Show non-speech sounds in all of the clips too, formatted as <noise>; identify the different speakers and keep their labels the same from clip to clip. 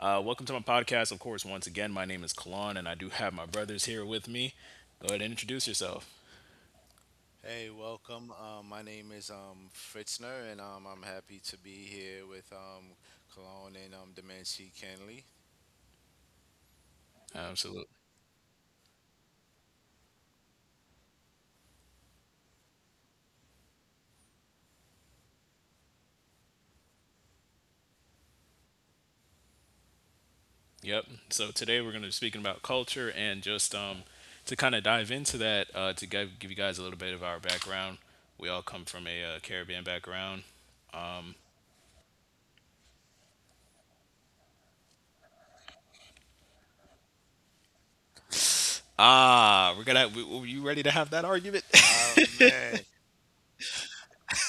Speaker 1: Welcome to my podcast. Of course, once again, my name is Kalon, and I do have my brothers here with me. Go ahead and introduce yourself.
Speaker 2: Hey, welcome. My name is Fritzner, and I'm happy to be here with Cologne and Dementia Kenley.
Speaker 1: Absolutely. Yep. So today we're going to be speaking about culture, and just to kind of dive into that, to give you guys a little bit of our background. We all come from a Caribbean background. Ah, we're gonna. W w- You ready to have that argument?
Speaker 2: Man,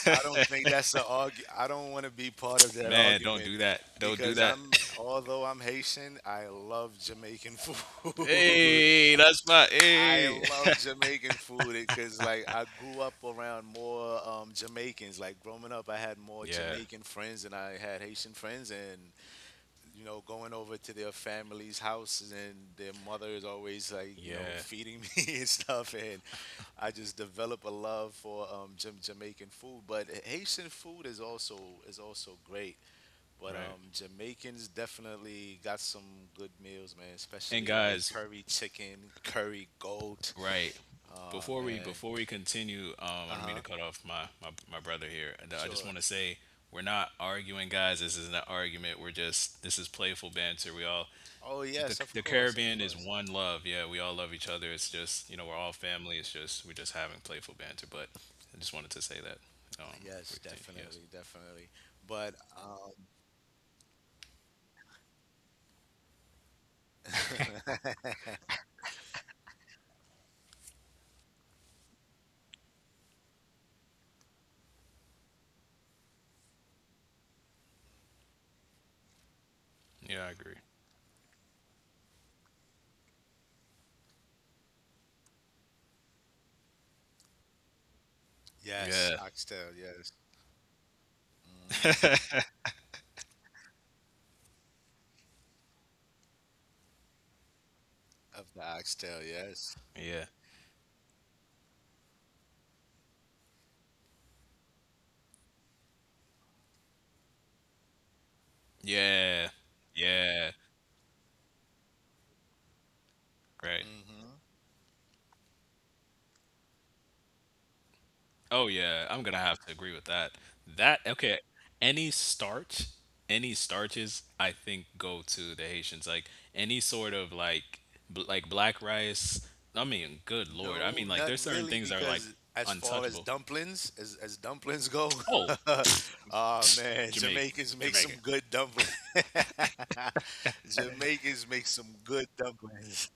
Speaker 2: I don't think that's the argu. I don't want to be part of
Speaker 1: <laughs>
Speaker 2: that
Speaker 1: Man, don't
Speaker 2: argument
Speaker 1: do that. Don't do
Speaker 2: because
Speaker 1: that.
Speaker 2: although I'm Haitian, I love Jamaican <laughs>
Speaker 1: <laughs>
Speaker 2: food.
Speaker 1: Hey, that's my
Speaker 2: I
Speaker 1: hey. <laughs>
Speaker 2: love Jamaican food because, like, I grew up around more Jamaicans. Like, growing up, I had more
Speaker 1: Yeah.
Speaker 2: Jamaican friends than I had Haitian friends, and you know, going over to their family's houses and their mother is always like, you know,
Speaker 1: Yeah.
Speaker 2: feeding me <laughs> and stuff. And I just develop a love for Jamaican food. But Haitian food is also great. But
Speaker 1: Right.
Speaker 2: Jamaicans definitely got some good meals, man.
Speaker 1: And
Speaker 2: Especially like
Speaker 1: guys,
Speaker 2: curry chicken, curry goat.
Speaker 1: right
Speaker 2: Oh
Speaker 1: before we
Speaker 2: man.
Speaker 1: before we continue,
Speaker 2: Uh
Speaker 1: I don't mean to
Speaker 2: huh.
Speaker 1: cut off my brother here. And I just
Speaker 2: Sure.
Speaker 1: want to say, we're not arguing, guys. This isn't an argument. We're just This is playful banter. We all
Speaker 2: Oh yes, of
Speaker 1: the
Speaker 2: course, of
Speaker 1: Caribbean is
Speaker 2: course.
Speaker 1: one love. Yeah, we all love each other. It's just we're all family. It's just we're just having playful banter. But I just wanted to say that. Um, we
Speaker 2: Yes,
Speaker 1: continue. Yes.
Speaker 2: definitely, definitely. But
Speaker 1: Yeah, I agree.
Speaker 2: yes,
Speaker 1: Yeah.
Speaker 2: oxtail, yes. Hmm. Of the oxtail, yes.
Speaker 1: Yeah. Yeah. Yeah. Right.
Speaker 2: Hmm.
Speaker 1: Oh yeah, I'm gonna have to agree with that. Okay, any starch, any starches, I think, go to the Haitians. Like any sort of like like black rice. I mean, good lord. I
Speaker 2: No,
Speaker 1: mean, like
Speaker 2: not
Speaker 1: there's certain
Speaker 2: really,
Speaker 1: things that are like
Speaker 2: because as far
Speaker 1: untouchable.
Speaker 2: as dumplings go,
Speaker 1: Oh,
Speaker 2: <laughs> oh
Speaker 1: <sniffs> <tsk>
Speaker 2: man,
Speaker 1: Jamaica,
Speaker 2: Jamaicans make some
Speaker 1: Jamaica.
Speaker 2: good dumplings. <laughs> Jamaicans make some good dumplings.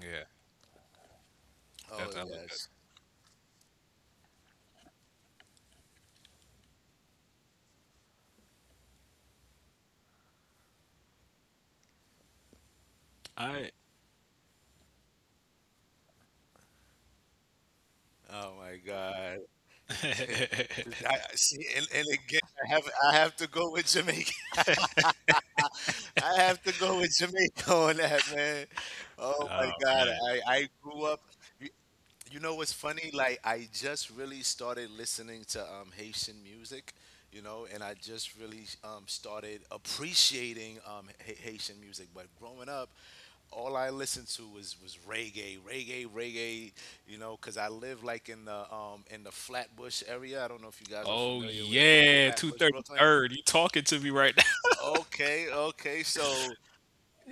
Speaker 1: Yeah,
Speaker 2: Oh
Speaker 1: that's I like that.
Speaker 2: yes.
Speaker 1: I
Speaker 2: Oh my God. To ta-
Speaker 1: <laughs>
Speaker 2: see, and again, I have I have to go with Jamaica. I have to go with <laughs> Jamaica on that, man. Oh my
Speaker 1: oh
Speaker 2: God,
Speaker 1: man.
Speaker 2: I grew up. You, you know what's funny? Like I just really started listening to Haitian music, you know, and I just really started appreciating Haitian music. But growing up, all I listened to was reggae, reggae, reggae, you know, because I live like in the Flatbush area. I don't know if you guys are
Speaker 1: Oh
Speaker 2: familiar with
Speaker 1: yeah, two
Speaker 2: Flatbush,
Speaker 1: thirty
Speaker 2: Brooklyn.
Speaker 1: third. You talking to me right now? <laughs>
Speaker 2: Okay, okay. So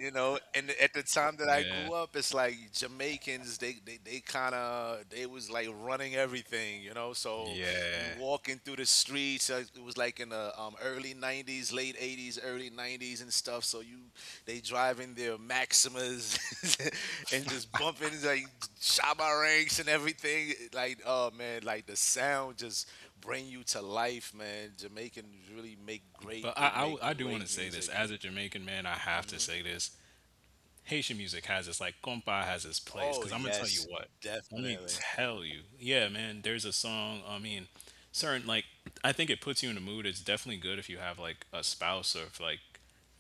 Speaker 2: you know, and at the time that I
Speaker 1: Yeah,
Speaker 2: grew up, it's like Jamaicans, they kind of they was like running everything, you know. So you
Speaker 1: yeah.
Speaker 2: walking through the streets, it was like in the early 90s, late 80s, early 90s and stuff. So you they driving their maximas <laughs> and just bumping like Shabba Ranks and everything. Like, oh man, like the sound just bring you to life, man. Jamaicans really make great,
Speaker 1: But
Speaker 2: they make
Speaker 1: I do want
Speaker 2: great
Speaker 1: to say this.
Speaker 2: music.
Speaker 1: As a Jamaican man, I have to say this. Haitian music has its, like, compa, has its place.
Speaker 2: Oh
Speaker 1: 'Cause I'm gonna tell you
Speaker 2: yes,
Speaker 1: what. Let me
Speaker 2: definitely.
Speaker 1: tell you. Yeah, man. There's a song. I mean, certain, like, I think it puts you in a mood. It's definitely good if you have like a spouse, or if like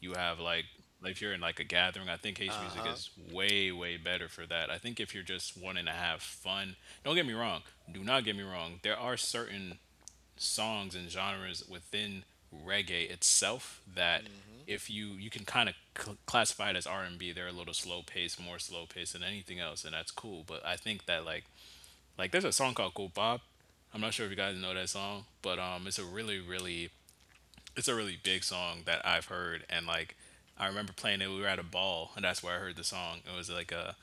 Speaker 1: you have like if you're in like a gathering. I think Haitian music
Speaker 2: Uh-huh.
Speaker 1: is way, way better for that. I think if you're just wanting to have fun. Don't get me wrong. Do not get me wrong. There are certain songs and genres within reggae itself that
Speaker 2: Mhm.
Speaker 1: if you can kind of classify it as R&B. They're a little slow paced, more slow paced than anything else, and that's cool. But I think that like there's a song called Go Bob. I'm not sure if you guys know that song, but it's a really, really— it's a really big song that I've heard. And, like, I remember playing it. We were at a ball, and that's where I heard the song. It was like a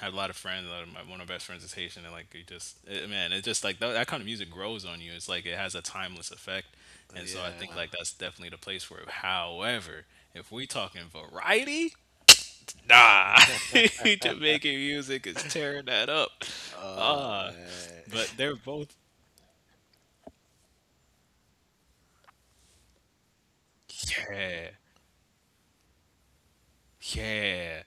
Speaker 1: Had a lot of friends. A lot of my, One of my best friends is Haitian, and like you just it, man, it's just like that kind of music grows on you. It's like it has a timeless effect, and so I think
Speaker 2: Yeah.
Speaker 1: like that's definitely the place for it. However, if we talking variety, nah, <laughs> Jamaican music is tearing that up.
Speaker 2: Oh
Speaker 1: Uh
Speaker 2: man.
Speaker 1: but
Speaker 2: <laughs>
Speaker 1: they're both— yeah, yeah,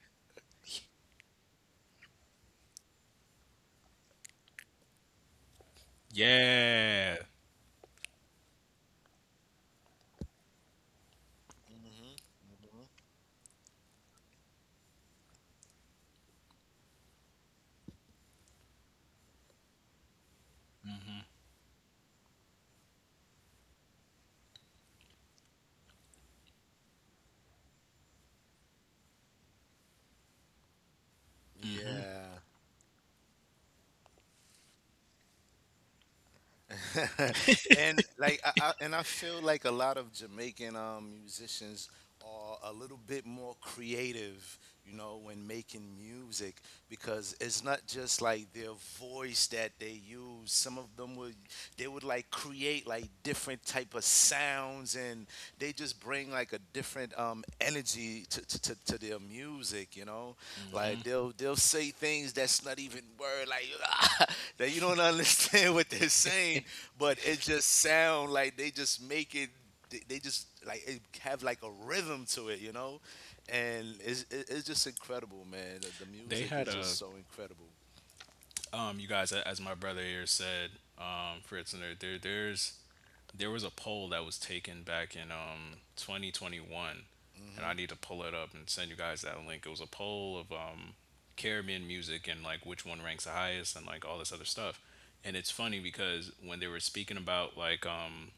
Speaker 1: yeah.
Speaker 2: Mhm. Mhm.
Speaker 1: Mm-hmm.
Speaker 2: Yeah. <laughs> And like I and I feel like a lot of Jamaican musicians are a little bit more creative, you know, when making music, because it's not just like their voice that they use. Some of them would, they would like, create like different type of sounds, and they just bring like a different energy to, to their music, you know. Like they'll say things that's not even word, like, <laughs> that you don't <laughs> understand what they're saying, but it just sound like they just make it. They just like it have like a rhythm to it, you know, and it's just incredible, man. The
Speaker 1: They
Speaker 2: music
Speaker 1: had
Speaker 2: is just
Speaker 1: a—
Speaker 2: so incredible.
Speaker 1: you guys, as my brother here said, Fritz, and there there's there was a poll that was taken back in 2021, and I need to pull it up and send you guys that link. It was a poll of Caribbean music and like which one ranks the highest and like all this other stuff. And it's funny, because when they were speaking about like um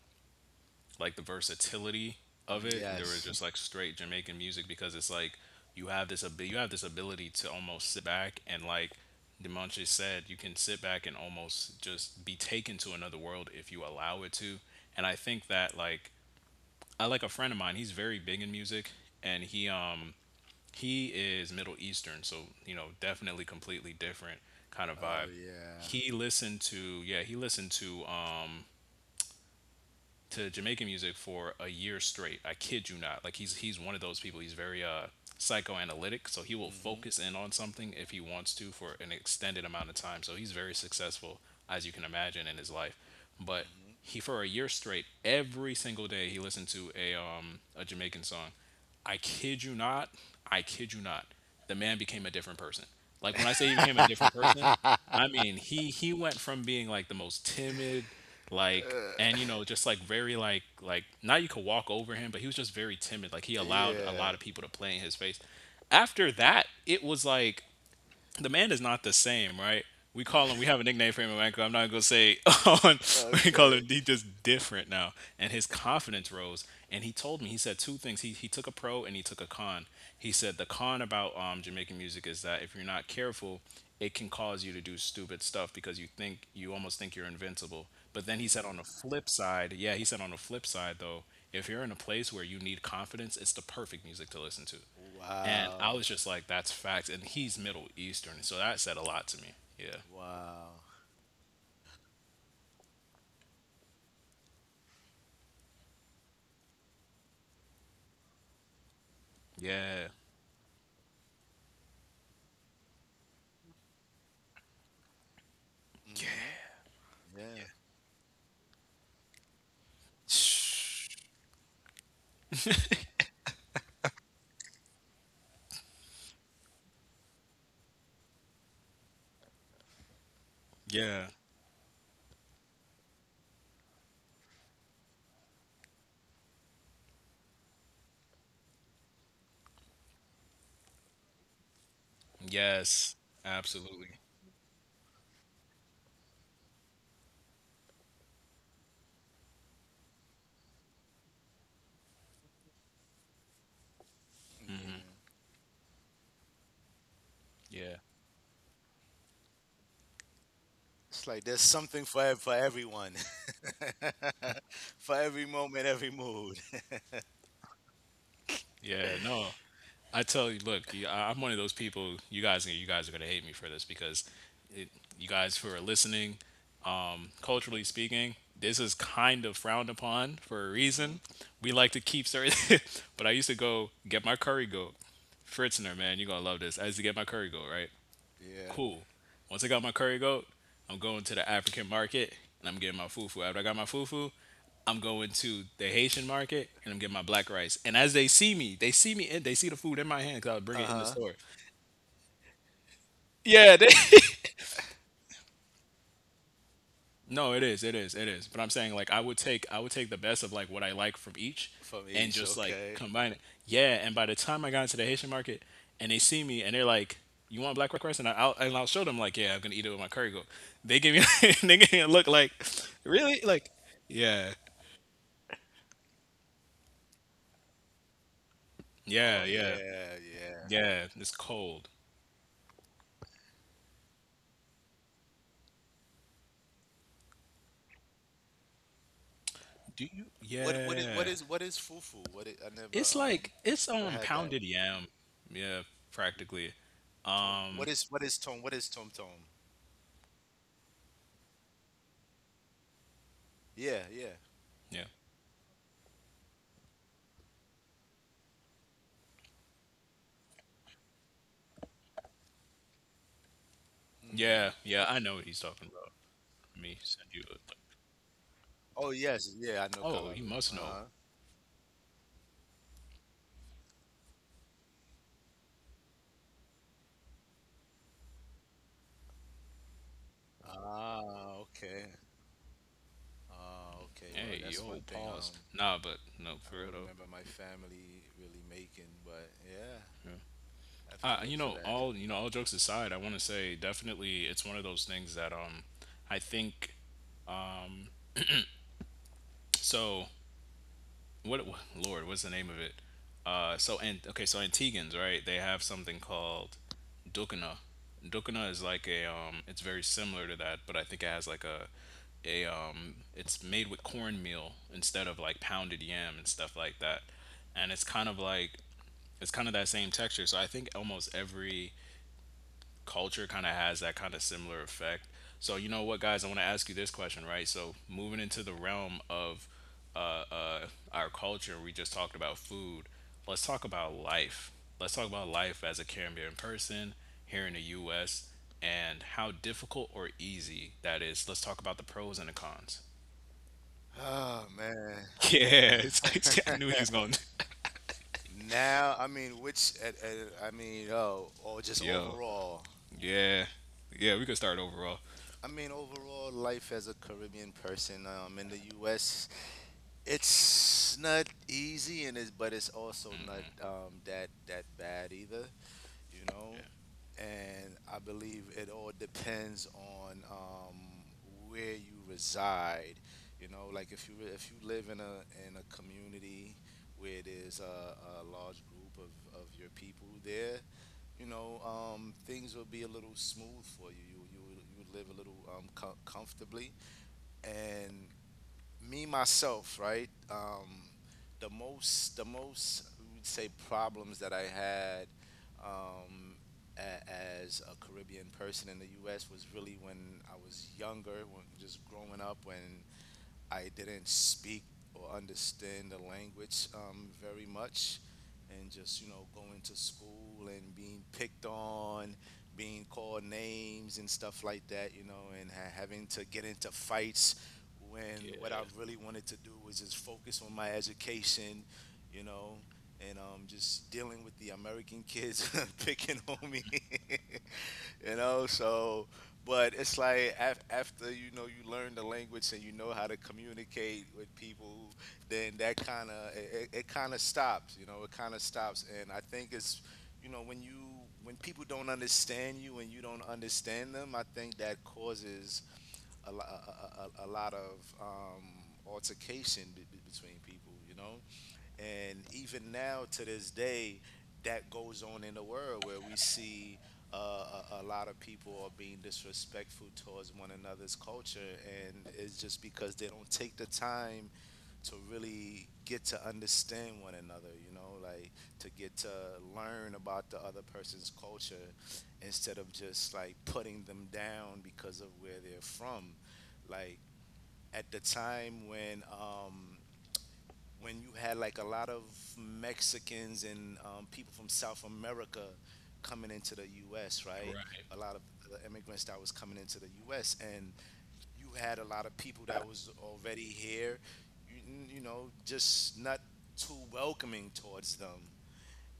Speaker 1: like the versatility of it. There was
Speaker 2: Yes.
Speaker 1: just like straight Jamaican music, because it's like you have this ability to almost sit back and, like Demontre said, you can sit back and almost just be taken to another world if you allow it to. And I think that like a friend of mine, he's very big in music, and he is Middle Eastern, so, definitely completely different kind of
Speaker 2: Oh
Speaker 1: vibe.
Speaker 2: yeah.
Speaker 1: He listened to Yeah, he listened to Jamaican music for a year straight. I kid you not. Like, he's one of those people. He's very psychoanalytic, so he will focus in on something if he wants to for an extended amount of time. So he's very successful, as you can imagine, in his life. But he, for a year straight, every single day, he listened to a Jamaican song. I kid you not. I kid you not. The man became a different person. Like, when I say he became a different person, I mean, he went from being like the most timid, like, and, you know, just like very, now you could walk over him, but he was just very timid. Like, he allowed a
Speaker 2: Yeah.
Speaker 1: lot of people to play in his face. After that, it was like the man is not the same, right? We call him— we have a nickname for him in Vancouver. I'm not gonna say. <laughs> On, we call
Speaker 2: Okay.
Speaker 1: him— he's just different now, and his confidence rose. And he told me. He said two things. He took a pro and he took a con. He said the con about, Jamaican music, is that if you're not careful, it can cause you to do stupid stuff, because you almost think you're invincible. But then he said on the flip side, yeah, he said on the flip side though, if you're in a place where you need confidence, it's the perfect music to listen to. And I
Speaker 2: Wow.
Speaker 1: was just like, that's facts. And he's Middle Eastern. So that said a lot to me. Yeah.
Speaker 2: Wow.
Speaker 1: Yeah.
Speaker 2: Mhm. Yeah.
Speaker 1: Yeah. Yes. Absolutely.
Speaker 2: Yeah.
Speaker 1: Yeah.
Speaker 2: It's like there's something for for everyone, <laughs> for every moment, every mood. <laughs>
Speaker 1: Yeah. No. I tell you, look, I'm one of those people. You guys are gonna hate me for this because, it, you guys who are listening, culturally speaking, this is kind of frowned upon for a reason. We like to keep certain, <laughs> but I used to go get my curry goat. Fritzner, man, you're gonna love this. I used to get my curry goat, right?
Speaker 2: Yeah.
Speaker 1: Cool. Once I got my curry goat, I'm going to the African market and I'm getting my fufu. After I got my fufu, I'm going to the Haitian market and I'm getting my black rice. And as they see me, They see me and they see the food in my hand, because I would bring
Speaker 2: Uh
Speaker 1: it in the
Speaker 2: huh.
Speaker 1: store. Yeah, they <laughs> No, it is, it is, it is. But I'm saying, like, I would take the best of like what I like from each
Speaker 2: From
Speaker 1: and
Speaker 2: each.
Speaker 1: just like
Speaker 2: Okay.
Speaker 1: combine it. Yeah, and by the time I got into the Haitian market and they see me, and they're like, "You want black rice?" And I'll show them like, "Yeah, I'm gonna eat it with my curry goat." They give me <laughs> they give me a look like, "Really?" Like, yeah, yeah,
Speaker 2: Oh
Speaker 1: yeah,
Speaker 2: yeah, yeah.
Speaker 1: yeah. It's cold. Do you? Yeah,
Speaker 2: What is fufu?
Speaker 1: it's like it's
Speaker 2: I never had that.
Speaker 1: pounded yam. Yeah, practically.
Speaker 2: Tom. What is tom? What is tom tom? Yeah, yeah.
Speaker 1: Yeah,
Speaker 2: Hmm.
Speaker 1: yeah, yeah. I know what he's talking about. Let me send you a link.
Speaker 2: Oh yes, yeah. I know
Speaker 1: Oh, he
Speaker 2: kalalu.
Speaker 1: must
Speaker 2: Uh
Speaker 1: know.
Speaker 2: huh. Ah, okay. Ah, okay. Well,
Speaker 1: Hey,
Speaker 2: that's one
Speaker 1: yo,
Speaker 2: thing.
Speaker 1: pause. Nah, but no,
Speaker 2: I
Speaker 1: for
Speaker 2: don't
Speaker 1: real though.
Speaker 2: remember my family really making, but yeah,
Speaker 1: Yeah.
Speaker 2: I have to look for that.
Speaker 1: All jokes aside, I want to say, definitely, it's one of those things that, I think so. What's the name of it? So and Okay, so Antigans, right? They have something called Dukana. Dukana is like a it's very similar to that, but I think it has like a it's made with cornmeal instead of like pounded yam and stuff like that, and it's kind of that same texture. So I think almost every culture kind of has that kind of similar effect. So you know what, guys, I want to ask you this question, right? So, moving into the realm of uh, uh, our culture, we just talked about food. Let's talk about life. Let's talk about life as a Caribbean person here in the U.S. and how difficult or easy that is. Let's talk about the pros and the cons.
Speaker 2: Oh man.
Speaker 1: Yeah, <laughs> it's, I knew he was
Speaker 2: <laughs>
Speaker 1: going. <laughs>
Speaker 2: Now, I mean, I mean, oh, or just
Speaker 1: Yo,
Speaker 2: overall.
Speaker 1: yeah, yeah, we could start overall.
Speaker 2: I mean, overall life as a Caribbean person in the U.S. It's not easy, and it's but it's also not that bad either, you know?
Speaker 1: Yeah.
Speaker 2: And I believe it all depends on where you reside. You know, like if you if you live in a community where there's a large group of your people there, you know, things will be a little smooth for you. You will live a little comfortably. And me myself, right? The most, we would say problems that I had um, a, as a Caribbean person in the U.S. was really when I was younger, when just growing up, when I didn't speak or understand the language very much, and just you know going to school and being picked on, being called names and stuff like that, you know, and having to get into fights when what I
Speaker 1: Yeah.
Speaker 2: really wanted to do was just focus on my education, you know. And just dealing with the American kids <laughs> picking on me. <laughs> You know, so but it's like after you know you learn the language and you know how to communicate with people, then that kind of it kind of stops, you know. It kind of stops. And I think it's, you know, when you when people don't understand you and you don't understand them, I think that causes a lot of altercation between people, you know. And even now to this day, that goes on in the world, where we see a lot of people are being disrespectful towards one another's culture, and it's just because they don't take the time to really get to understand one another, you know, like to get to learn about the other person's culture instead of just like putting them down because of where they're from. Like at the time when you had like a lot of Mexicans and people from South America coming into the U.S., right?
Speaker 1: Right.
Speaker 2: A lot of the immigrants that was coming into the U.S., and you had a lot of people that was already here, you know, just not too welcoming towards them.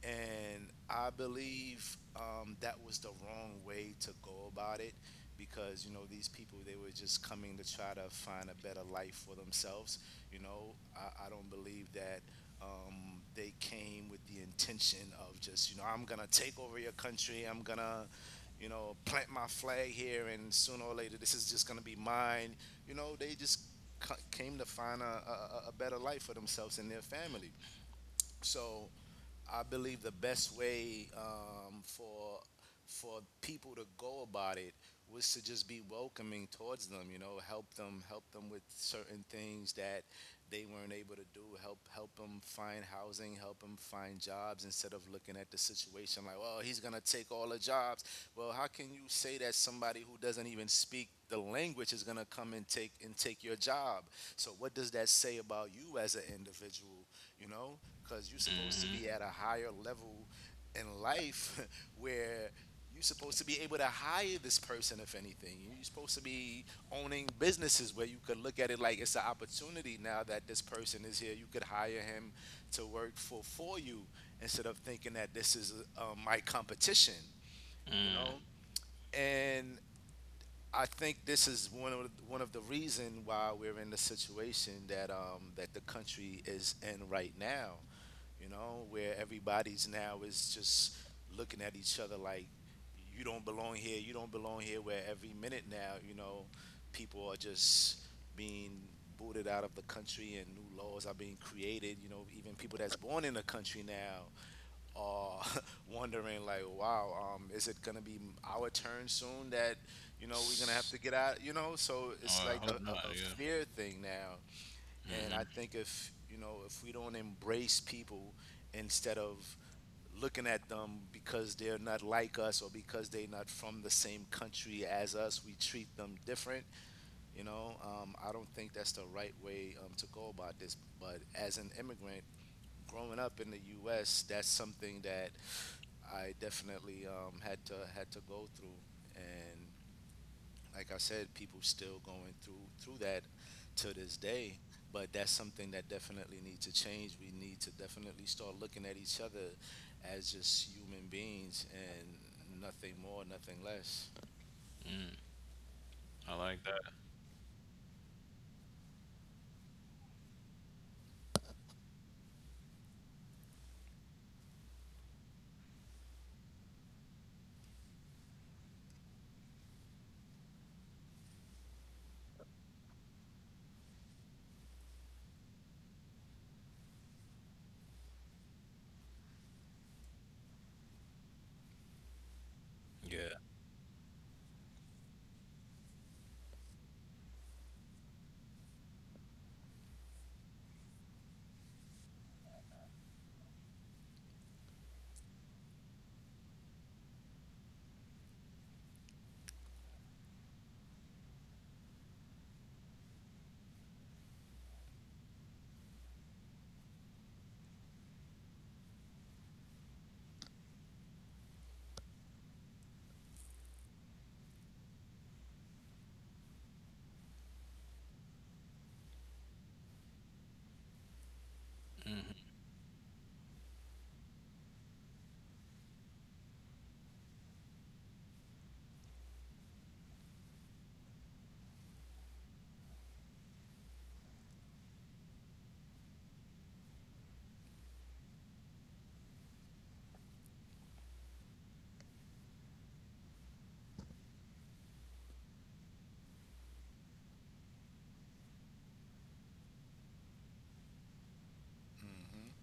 Speaker 2: And I believe that was the wrong way to go about it, because you know these people, they were just coming to try to find a better life for themselves. You know, I don't believe that they came with the intention of just, you know, I'm gonna take over your country. I'm gonna, you know, plant my flag here, and sooner or later this is just gonna be mine. You know, they just came to find a, a better life for themselves and their family. So I believe the best way for people to go about it was to just be welcoming towards them. You know, help them, with certain things that they weren't able to do. Help them find housing. Help them find jobs, instead of looking at the situation like, well, he's gonna take all the jobs. Well, how can you say that somebody who doesn't even speak the language is gonna come and take, your job? So what does that say about you as an individual? You know, because you're supposed to be at a higher level in life <laughs> where you're supposed to be able to hire this person. If anything, you're supposed to be owning businesses where you could look at it like it's an opportunity now that this person is here. You could hire him to work for you instead of thinking that this is my competition, you know. And I think this is one of the, reason why we're in the situation that that the country is in right now, you know, where everybody's now is just looking at each other like you don't belong here, you don't belong here, where every minute now, you know, people are just being booted out of the country and new laws are being created. You know, even people that's born in the country now are <laughs> wondering like, wow, is it gonna be our turn soon that, you know, we're gonna have to get out, you know? So it's
Speaker 1: Oh,
Speaker 2: like
Speaker 1: I hope not.
Speaker 2: a
Speaker 1: Yeah.
Speaker 2: fear thing now. And I think if, you know, if we don't embrace people instead of looking at them because they're not like us or because they're not from the same country as us, we treat them different, you know, I don't think that's the right way to go about this. But as an immigrant, growing up in the U.S., that's something that I definitely had to go through, and like I said, people still going through that to this day. But that's something that definitely needs to change. We need to definitely start looking at each other as just human beings and nothing more, nothing less.
Speaker 1: I like that. Yeah.
Speaker 2: Mm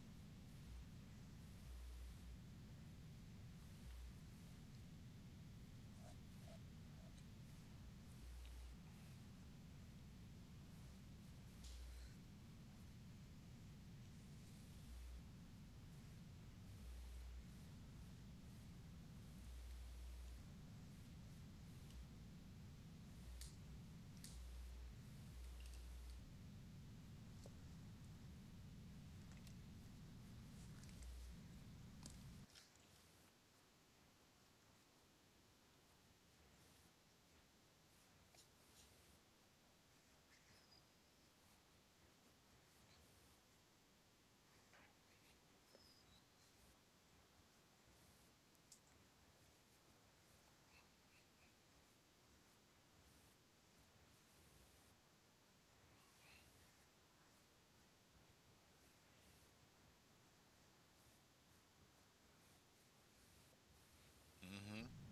Speaker 2: hmm. Mm hmm.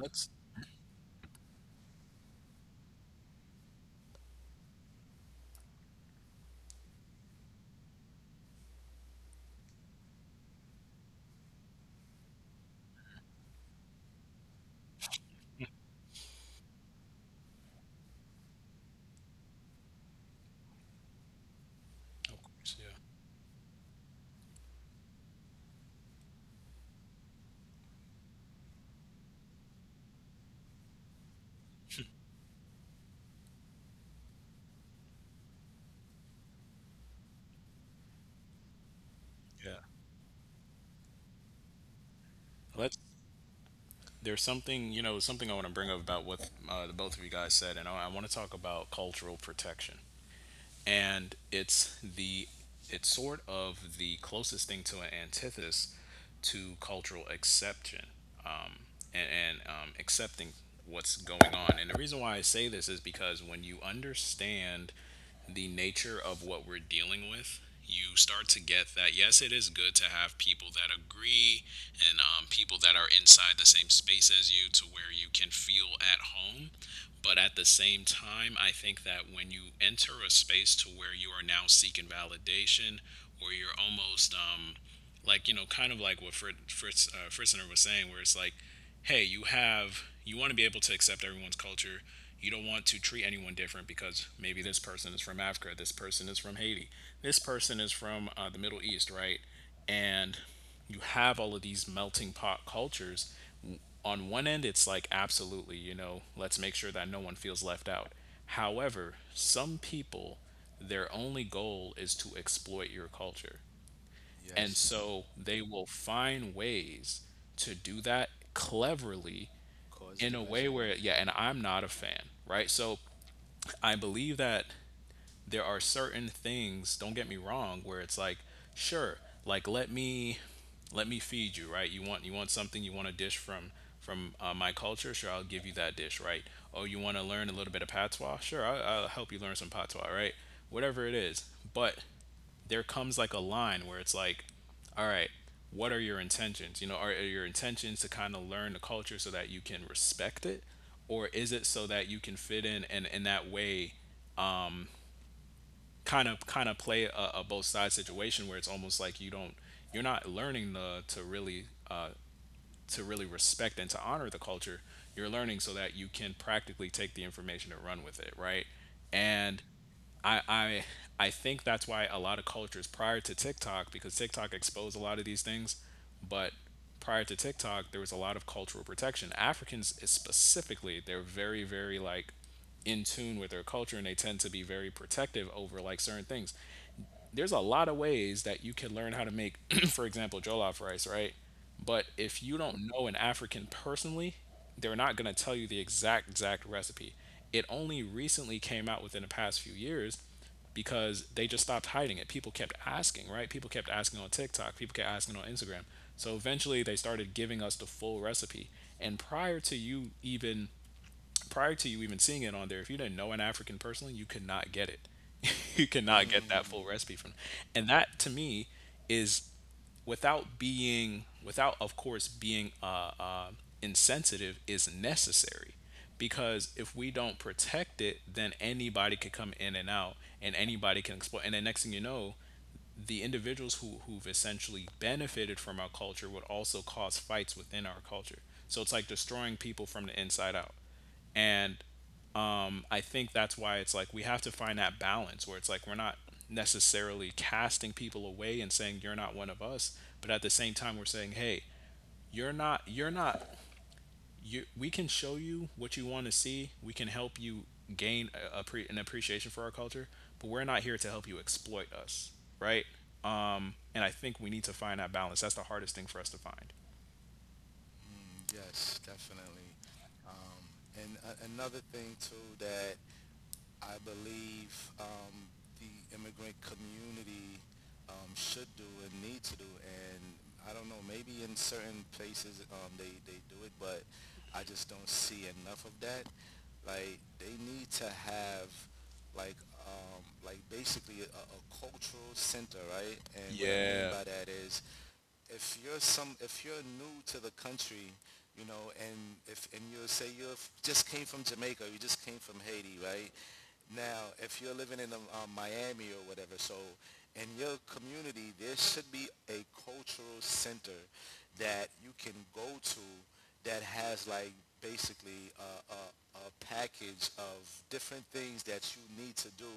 Speaker 1: Let's, of course. Yeah. Yeah. Let's, there's something I want to bring up about what the both of you guys said, and I want to talk about cultural protection. And it's sort of the closest thing to an antithesis to cultural exception, um, and accepting what's going on. And the reason why I say this is because when you understand the nature of what we're dealing with, you start to get that yes, it is good to have people that agree and people that are inside the same space as you to where you can feel at home. But at the same time, I think that when you enter a space to where you are now seeking validation or you're almost kind of like what Fritzner was saying, where it's like hey, you have you want to be able to accept everyone's culture. You don't want to treat anyone different because maybe this person is from Africa, this person is from Haiti, this person is from the Middle East, right? And you have all of these melting pot cultures. On one end, it's like, absolutely, you know, let's make sure that no one feels left out. However, some people, their only goal is to exploit your culture. And
Speaker 2: Yes.
Speaker 1: so they will find ways to do that cleverly
Speaker 2: Cause
Speaker 1: in a way
Speaker 2: division.
Speaker 1: where
Speaker 2: <laughs>
Speaker 1: yeah and I'm not a fan, right? So I believe that there are certain things, don't get me wrong, where it's like sure, like let me feed you, right? You want something, you want a dish from my culture, sure, I'll give you that dish, right? Oh, you want to learn a little bit of patois, sure, I'll help you learn some patois, right, whatever it is. But there comes like a line where it's like, all right, what are your intentions? You know, are your intentions to kind of learn the culture so that you can respect it? Or is it so that you can fit in and in that way kind of play a both sides situation where it's almost like you're not learning the to really respect and to honor the culture, you're learning so that you can practically take the information and run with it, right? And I, I I think that's why a lot of cultures prior to TikTok, because TikTok exposed a lot of these things, but prior to TikTok, there was a lot of cultural protection. Africans specifically, they're very, very like in tune with their culture and they tend to be very protective over like certain things. There's a lot of ways that you can learn how to make, <clears throat> for example, jollof rice, right? But if you don't know an African personally, they're not going to tell you the exact recipe. It only recently came out within the past few years because they just stopped hiding it. People kept asking, right? People kept asking on TikTok, people kept asking on Instagram. So eventually they started giving us the full recipe. And prior to you even seeing it on there, if you didn't know an African personally, you could not get it. <laughs> you cannot get that full recipe from. And that to me is without of course being insensitive is necessary, because if we don't protect it, then anybody could come in and out, and anybody can exploit. And then next thing you know, the individuals who've essentially benefited from our culture would also cause fights within our culture. So it's like destroying people from the inside out. And I think that's why it's like we have to find that balance where it's like we're not necessarily casting people away and saying you're not one of us, but at the same time we're saying, hey, you're not, you. We can show you what you want to see. We can help you gain a an appreciation for our culture, but we're not here to help you exploit us, right? And I think we need to find that balance. That's the hardest thing for us to find.
Speaker 2: Mm. Yes, definitely. Um, and a another thing too that I believe the immigrant community should do and need to do. And I don't know, maybe in certain places they do it, but I just don't see enough of that. Like, they need to have like like basically a cultural center, right? And what I mean
Speaker 1: Yeah.
Speaker 2: by that is if you're some if you're new to the country, you know, and if and you say you just came from Jamaica, you just came from Haiti, right? Now, if you're living in Miami or whatever, so in your community, there should be a cultural center that you can go to that has like basically a package of different things that you need to do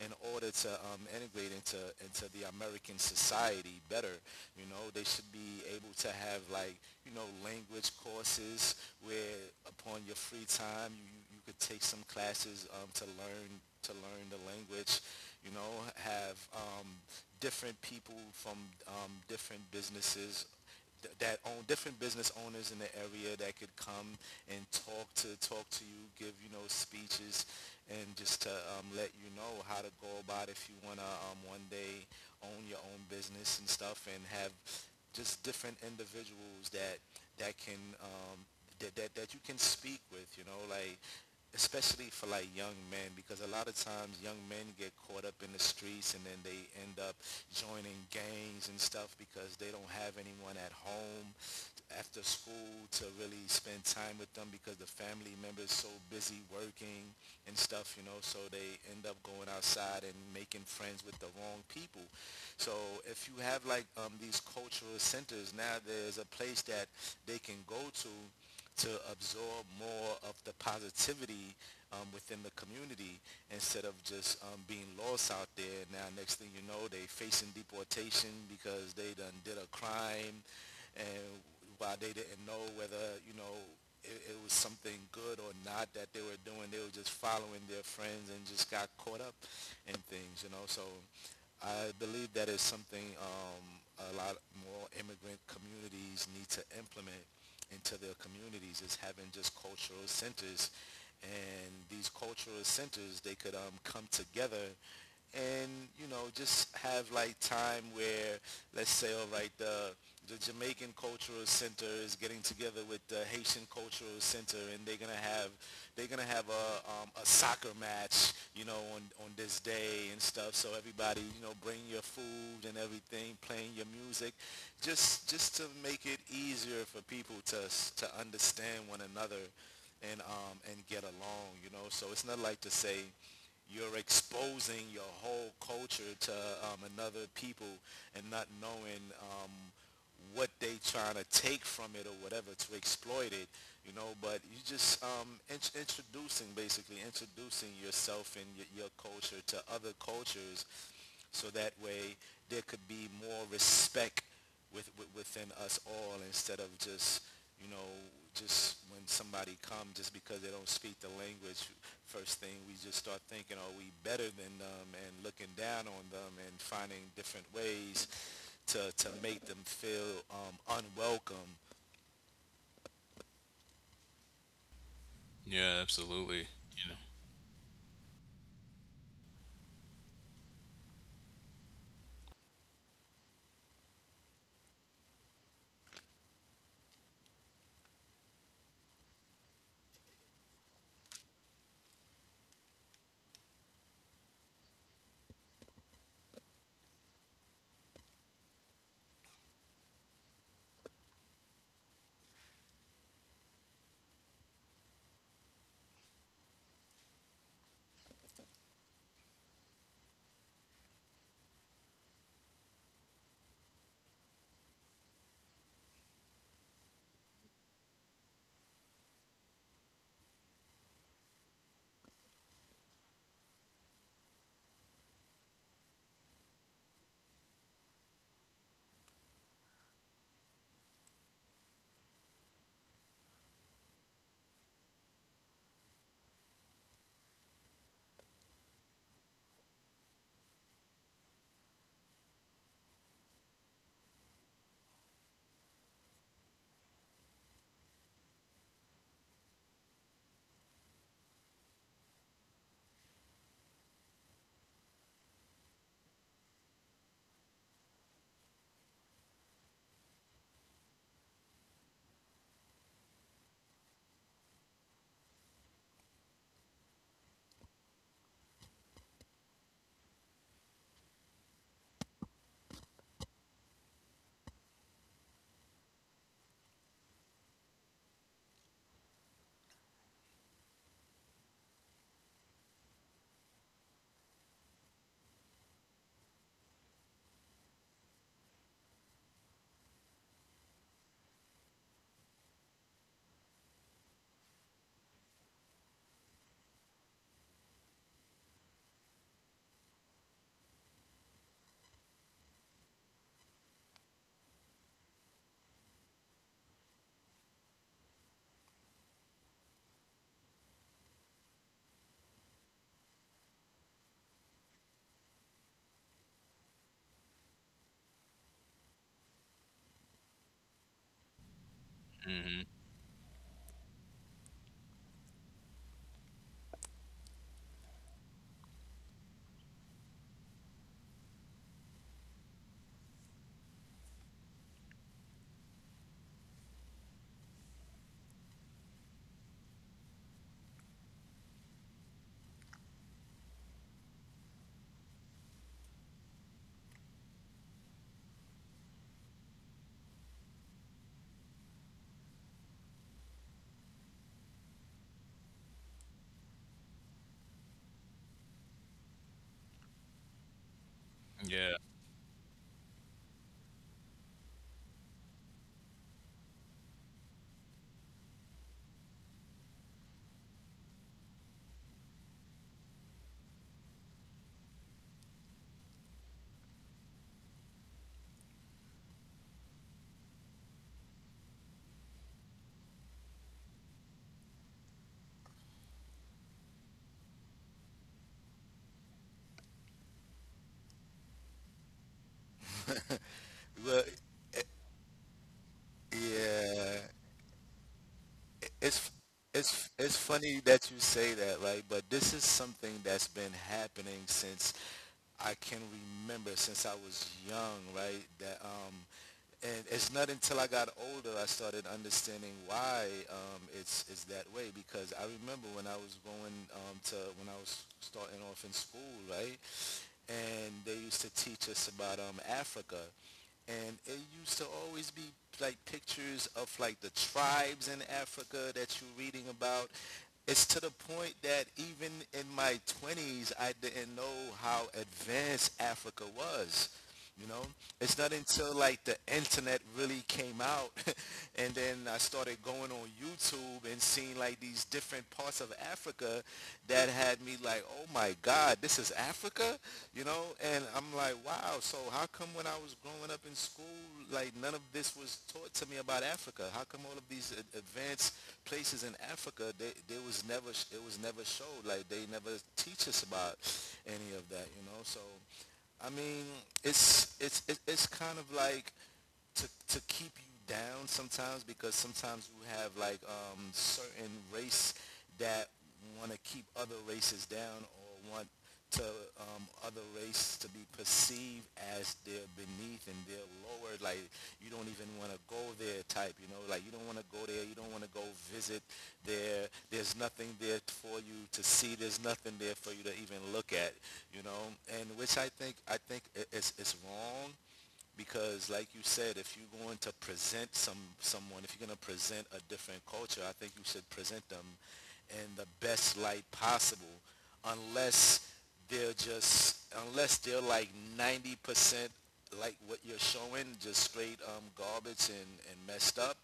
Speaker 2: in order to integrate into the American society better. You know, they should be able to have like, you know, language courses, where upon your free time could take some classes to learn the language, you know, have different people from different businesses that own different business owners in the area that could come and talk to you, give, you know, speeches and just to let you know how to go about if you want to one day own your own business and stuff, and have just different individuals that can that you can speak with, you know, like especially for like young men, because a lot of times young men get caught up in the streets and then they end up joining gangs and stuff because they don't have anyone at home after school to really spend time with them because the family members so busy working and stuff, you know, so they end up going outside and making friends with the wrong people. So if you have like these cultural centers, now there's a place that they can go to absorb more of the positivity within the community instead of just being lost out there. Now, next thing you know, they facing deportation because they done did a crime, and while they didn't know whether, you know, it was something good or not that they were doing, they were just following their friends and just got caught up in things, you know. So I believe that is something, a lot more immigrant communities need to implement into their communities, is having just cultural centers, and these cultural centers they could come together and, you know, just have like time where, let's say, all right, the Jamaican Cultural Center is getting together with the Haitian Cultural Center, and they're gonna have a soccer match, you know, on this day and stuff, so everybody, you know, bring your food and everything, playing your music, just to make it easier for people to understand one another and get along, you know, so it's not like to say you're exposing your whole culture to another people and not knowing what they trying to take from it or whatever to exploit it, you know. But you just introducing, basically introducing yourself and your culture to other cultures, so that way there could be more respect with within us all, instead of just, you know, just when somebody comes, just because they don't speak the language, first thing we just start thinking, are we better than them and looking down on them and finding different ways to make them feel unwelcome.
Speaker 1: Yeah. Absolutely. You know. Yeah.
Speaker 2: Well, yeah, it's it's funny that you say that, like, but this is something that's been happening since I can remember, since I was young, right? That and it's not until I got older I started understanding why it's that way. Because I remember when I was going to when I was starting off in school, right? And they used to teach us about Africa, and it used to always be like pictures of like the tribes in Africa that you're reading about. It's to the point that even in my 20s, I didn't know how advanced Africa was, you know? It's not until like the internet really came out <laughs> and then I started going on YouTube and seeing like these different parts of Africa that had me like, oh my God, this is Africa, you know? And I'm like, wow, so how come when I was growing up in school, like none of this was taught to me about Africa? How come all of these advanced places in Africa, they was never, it was never showed, like they never teach us about any of that, you know? So I mean, it's kind of like to keep you down sometimes, because sometimes you have like certain race that want to keep other races down or want to other race to be perceived as they're beneath and they're lower, like you don't even want to go there type, you know, like you don't want to go there, you don't want to go visit there, there's nothing there for you to see, there's nothing there for you to even look at, you know, and which I think it's wrong, because like you said, if you're going to present someone, if you're going to present a different culture, I think you should present them in the best light possible, unless they're just unless they're like 90% like what you're showing, just straight garbage and messed up,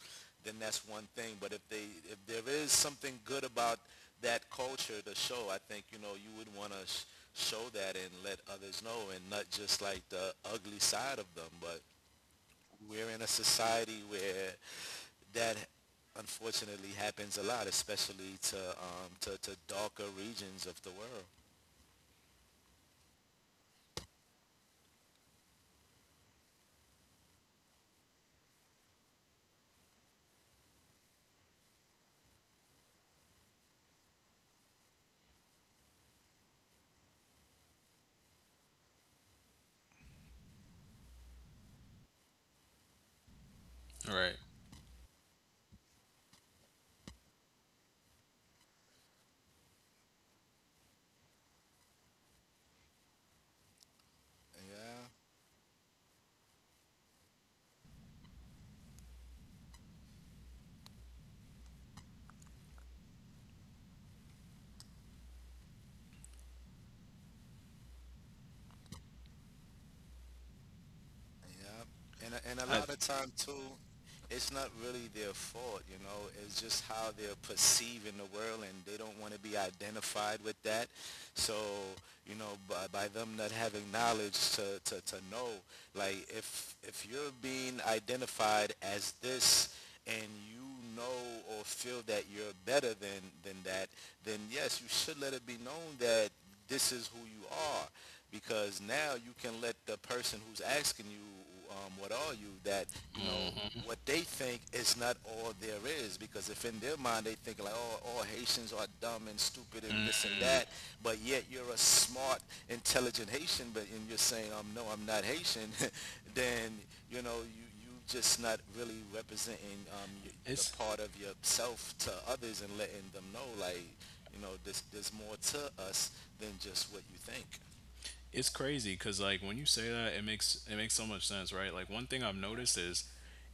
Speaker 2: then that's one thing. But if they, if there is something good about that culture to show, I think, you know, you would want to show that and let others know, and not just like the ugly side of them. But we're in a society where that unfortunately happens a lot, especially to to darker regions of the world.
Speaker 1: All right.
Speaker 2: Yeah. Yeah, and a
Speaker 1: I.
Speaker 2: lot of time too, it's not really their fault, you know. It's just how they're perceiving the world, and they don't want to be identified with that. So, you know, by them not having knowledge to know, like if you're being identified as this, and you know or feel that you're better than that, then yes, you should let it be known that this is who you are, because now you can let the person who's asking you, what are you, that, you know, what they think is not all there is, because if in their mind they think like, oh, all Haitians are dumb and stupid and this and that, but yet you're a smart, intelligent Haitian, but and you're saying, no, I'm not Haitian, <laughs> then, you know, you just not really representing the
Speaker 1: It's
Speaker 2: part of yourself to others and letting them know, like, you know, there's more to us than just what you think.
Speaker 1: it's crazy because like when you say that, it makes so much sense, right? Like one thing I've noticed is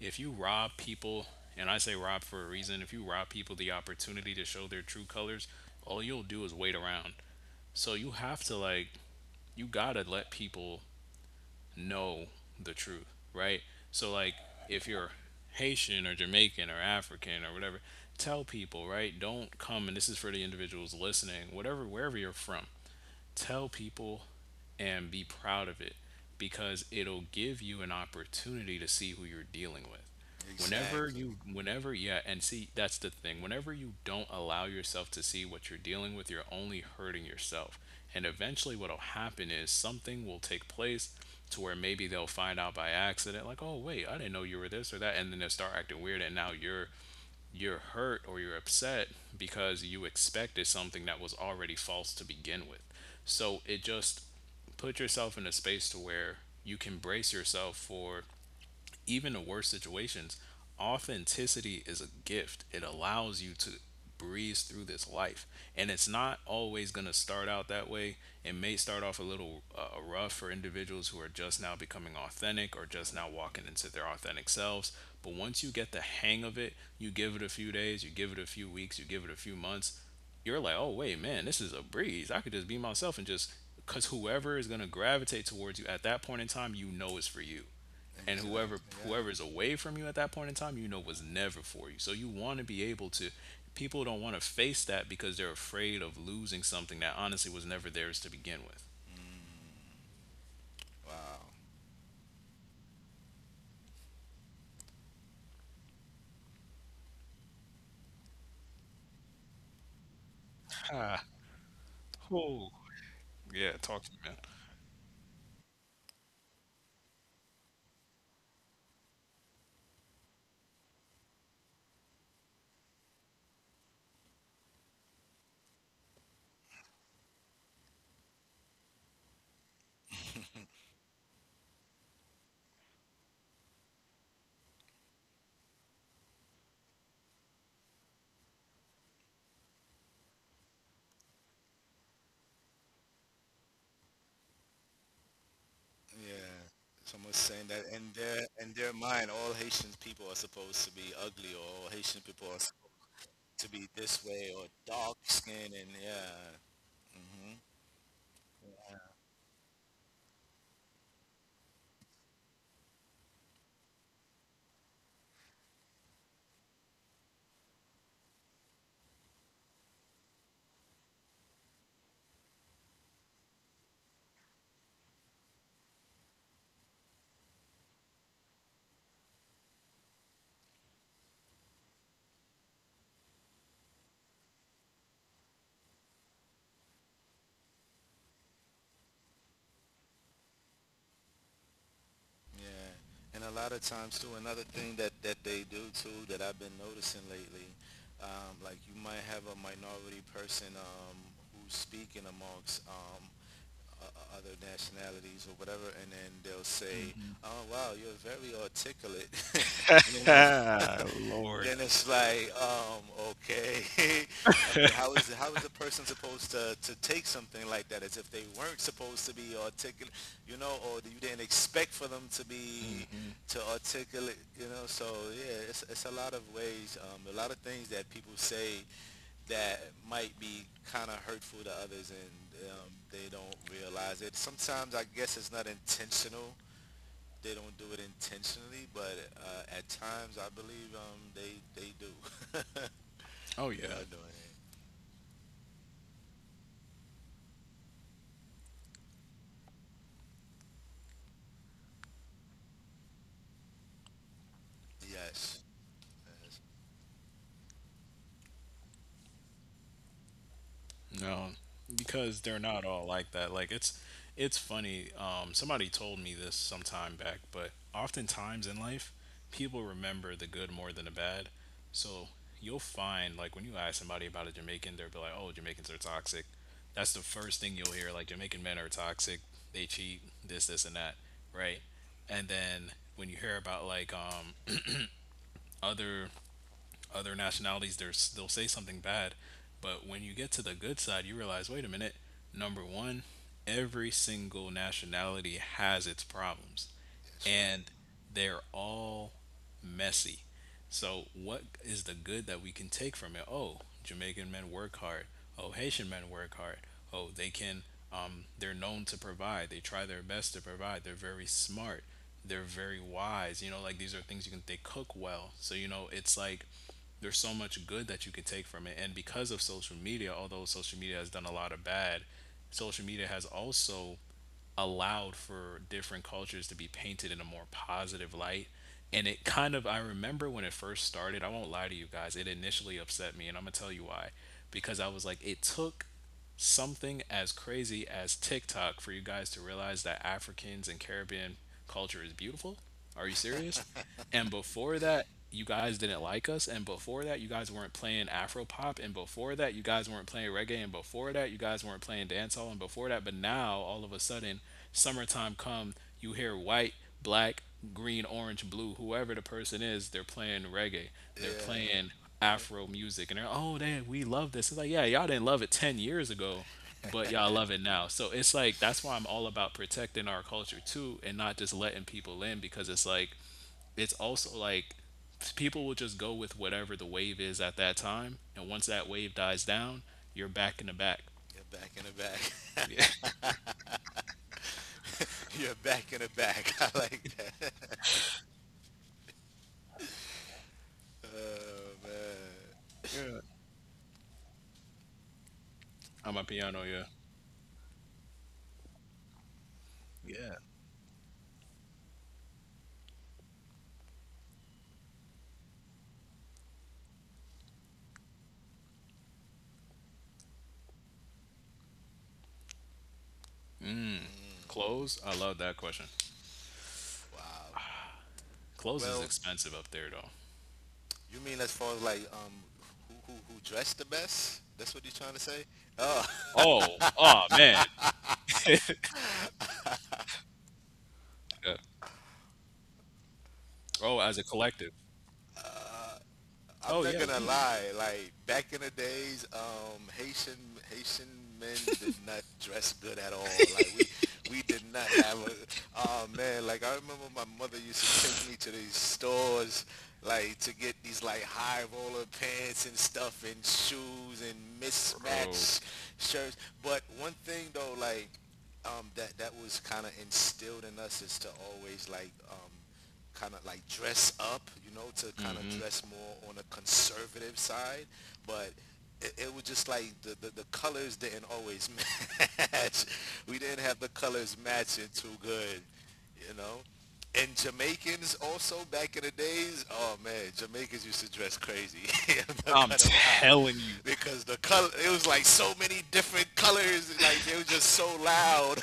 Speaker 1: if you rob people, and I say rob for a reason, if you rob people the opportunity to show their true colors, all you'll do is wait around. So you have to like you gotta let people know the truth, right? So like if you're Haitian or Jamaican or African or whatever, tell people, right? Don't come, and this is for the individuals listening, whatever wherever you're from, tell people and be proud of it, because it'll give you an opportunity to see who you're dealing with. Whenever
Speaker 2: Exactly.
Speaker 1: you whenever Yeah, and see that's the thing, whenever you don't allow yourself to see what you're dealing with, you're only hurting yourself. And eventually what'll happen is something will take place to where maybe they'll find out by accident, like oh wait, I didn't know you were this or that, and then they'll start acting weird, and now you're hurt or you're upset because you expected something that was already false to begin with. So it just put yourself in a space to where you can brace yourself for even in worse situations. Authenticity is a gift. It allows you to breeze through this life. And it's not always going to start out that way. It may start off a little rough for individuals who are just now becoming authentic or just now walking into their authentic selves. But once you get the hang of it, you give it a few days, you give it a few weeks, you give it a few months, you're like, oh, wait, man, this is a breeze. I could just be myself, and just because whoever is going to gravitate towards you at that point in time, you know, is for you. And
Speaker 2: Exactly. Yeah.
Speaker 1: whoever's away from you at that point in time, you know, was never for you. So you want to be able to, people don't want to face that because they're afraid of losing something that honestly was never theirs to begin with.
Speaker 2: Mm, wow.
Speaker 1: <sighs> Ah, whoo. Yeah, talk to me, man.
Speaker 2: Yeah. Someone's saying that in their mind, all Haitian people are supposed to be ugly, or all Haitian people are supposed to be this way, or dark skin, and yeah. Hmm. Yeah. And a lot of times too, another thing that they do too that I've been noticing lately, like you might have a minority person who's speaking amongst other nationalities or whatever, and then they'll say, "Oh wow, you're very articulate," <laughs> you know. <laughs> Then it's like, okay. <laughs> I mean, how is a person supposed to take something like that, as if they weren't supposed to be articulate, you know, or you didn't expect for them to be to articulate, you know? So yeah, it's a lot of ways, a lot of things that people say that might be kind of hurtful to others, and they don't realize it. Sometimes I guess it's not intentional. They don't do it intentionally, but at times I believe they do. <laughs> They
Speaker 1: Oh yeah.
Speaker 2: are doing it. Yes. Yes.
Speaker 1: No, because they're not all like that. Like it's funny. Somebody told me this some time back, but oftentimes in life, people remember the good more than the bad. So you'll find like when you ask somebody about a Jamaican, they'll be like, "Oh, Jamaicans are toxic." That's the first thing you'll hear. Like Jamaican men are toxic. They cheat. This and that. Right. And then when you hear about like other nationalities, they they'll say something bad, but when you get to the good side, you realize wait a minute, number one, every single nationality has its problems
Speaker 2: That's right.
Speaker 1: and they're all messy. So, what is the good that we can take from it? Oh, Jamaican men work hard. Oh, Haitian men work hard. Oh, they can, they're known to provide. They try their best to provide. They're very smart. They're very wise. You know, like these are things you can, they cook well. So, you know, it's like there's so much good that you can take from it. And because of social media, although social media has done a lot of bad, social media has also allowed for different cultures to be painted in a more positive light. And it kind of, I remember when it first started, I won't lie to you guys, it initially upset me. And I'm going to tell you why. Because I was like, it took something as crazy as TikTok for you guys to realize that Africans and Caribbean culture is beautiful? Are you serious? And before that, you guys didn't like us. And before that, you guys weren't playing Afro pop. And before that, you guys weren't playing reggae. And before that, you guys weren't playing dancehall. And before that, but now all of a sudden, summertime come, you hear white black, green, orange, blue, whoever the person is, they're playing reggae. They're playing
Speaker 2: Yeah. <laughs>
Speaker 1: Afro music. And they're, oh, they, we love this. It's like, yeah, y'all didn't love it 10 years ago, but y'all love it now. So it's like, that's why I'm all about protecting our culture too and not just letting people in, because it's like, it's also like, people will just go with whatever the wave is at that time. And once that wave dies down, you're back in the back.
Speaker 2: You're back in the back. <laughs> You're back in the back. <laughs> I like that. <laughs> Oh man.
Speaker 1: Yeah. I'm a piano, yeah. Yeah. Clothes? I love that question.
Speaker 2: Wow.
Speaker 1: Clothes is
Speaker 2: Well,
Speaker 1: expensive up there though.
Speaker 2: you mean as far as like, who who dressed the best? That's what you're trying to say? Oh,
Speaker 1: Oh, oh man. Yeah. Oh, as a collective.
Speaker 2: Uh, I'm
Speaker 1: Oh
Speaker 2: not
Speaker 1: yeah,
Speaker 2: gonna
Speaker 1: we,
Speaker 2: lie. Like back in the days, Haitian men did not dress good at all. Like we did not have a. Oh man, like I remember my mother used to take me to these stores, like to get these like high roller pants and stuff and shoes and
Speaker 1: bro.
Speaker 2: mismatched shirts. But one thing though, like that was kind of instilled in us is to always like kind of like dress up, you know, to kind of dress more on a conservative side. But it was just like the colors didn't always match. <laughs> We didn't have the colors matching too good, you know. And Jamaicans also back in the days, oh man, Jamaicans used to dress crazy. <laughs> I'm not
Speaker 1: I'm
Speaker 2: gonna lie,
Speaker 1: telling you,
Speaker 2: because the color it was like so many different colors. Like they were just so loud,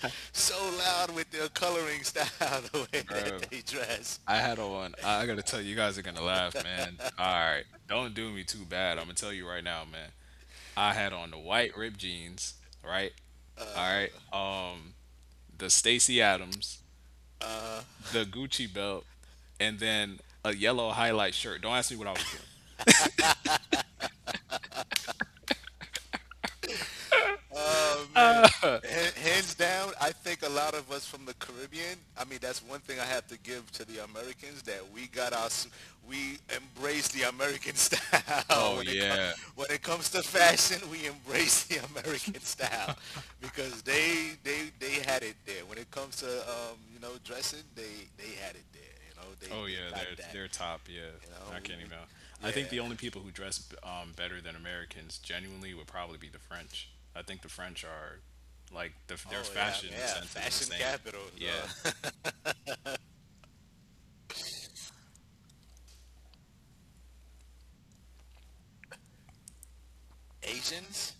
Speaker 2: <laughs> so loud with their coloring style, <laughs> the way that
Speaker 1: bro.
Speaker 2: they dress.
Speaker 1: I had on. I gotta tell you, you guys are gonna laugh, man. All right, don't do me too bad. I'm gonna tell you right now, man. I had on the white ripped jeans, right? All right. The Stacy Adams, the Gucci belt, and then a yellow highlight shirt. Don't ask me what I was doing.
Speaker 2: Oh man, hands down, I think a lot of us from the Caribbean. I mean, that's one thing I have to give to the Americans, that we got our we embrace the American <laughs> style
Speaker 1: Oh
Speaker 2: when it comes
Speaker 1: yeah.
Speaker 2: to fashion. We embrace the <laughs> American style because they had it there. When it comes to you know, dressing, they had it there. You know,
Speaker 1: Oh
Speaker 2: they
Speaker 1: yeah,
Speaker 2: got that.
Speaker 1: they're top. Yeah,
Speaker 2: You know,
Speaker 1: I can't
Speaker 2: we,
Speaker 1: even.
Speaker 2: we
Speaker 1: I think
Speaker 2: yeah.
Speaker 1: the only people who dress better than Americans genuinely would probably be the French. I think the French are like their
Speaker 2: Oh yeah, I mean,
Speaker 1: fashion
Speaker 2: yeah,
Speaker 1: sense is
Speaker 2: fashion
Speaker 1: insane.
Speaker 2: capital.
Speaker 1: Yeah.
Speaker 2: Uh, <laughs> Asians.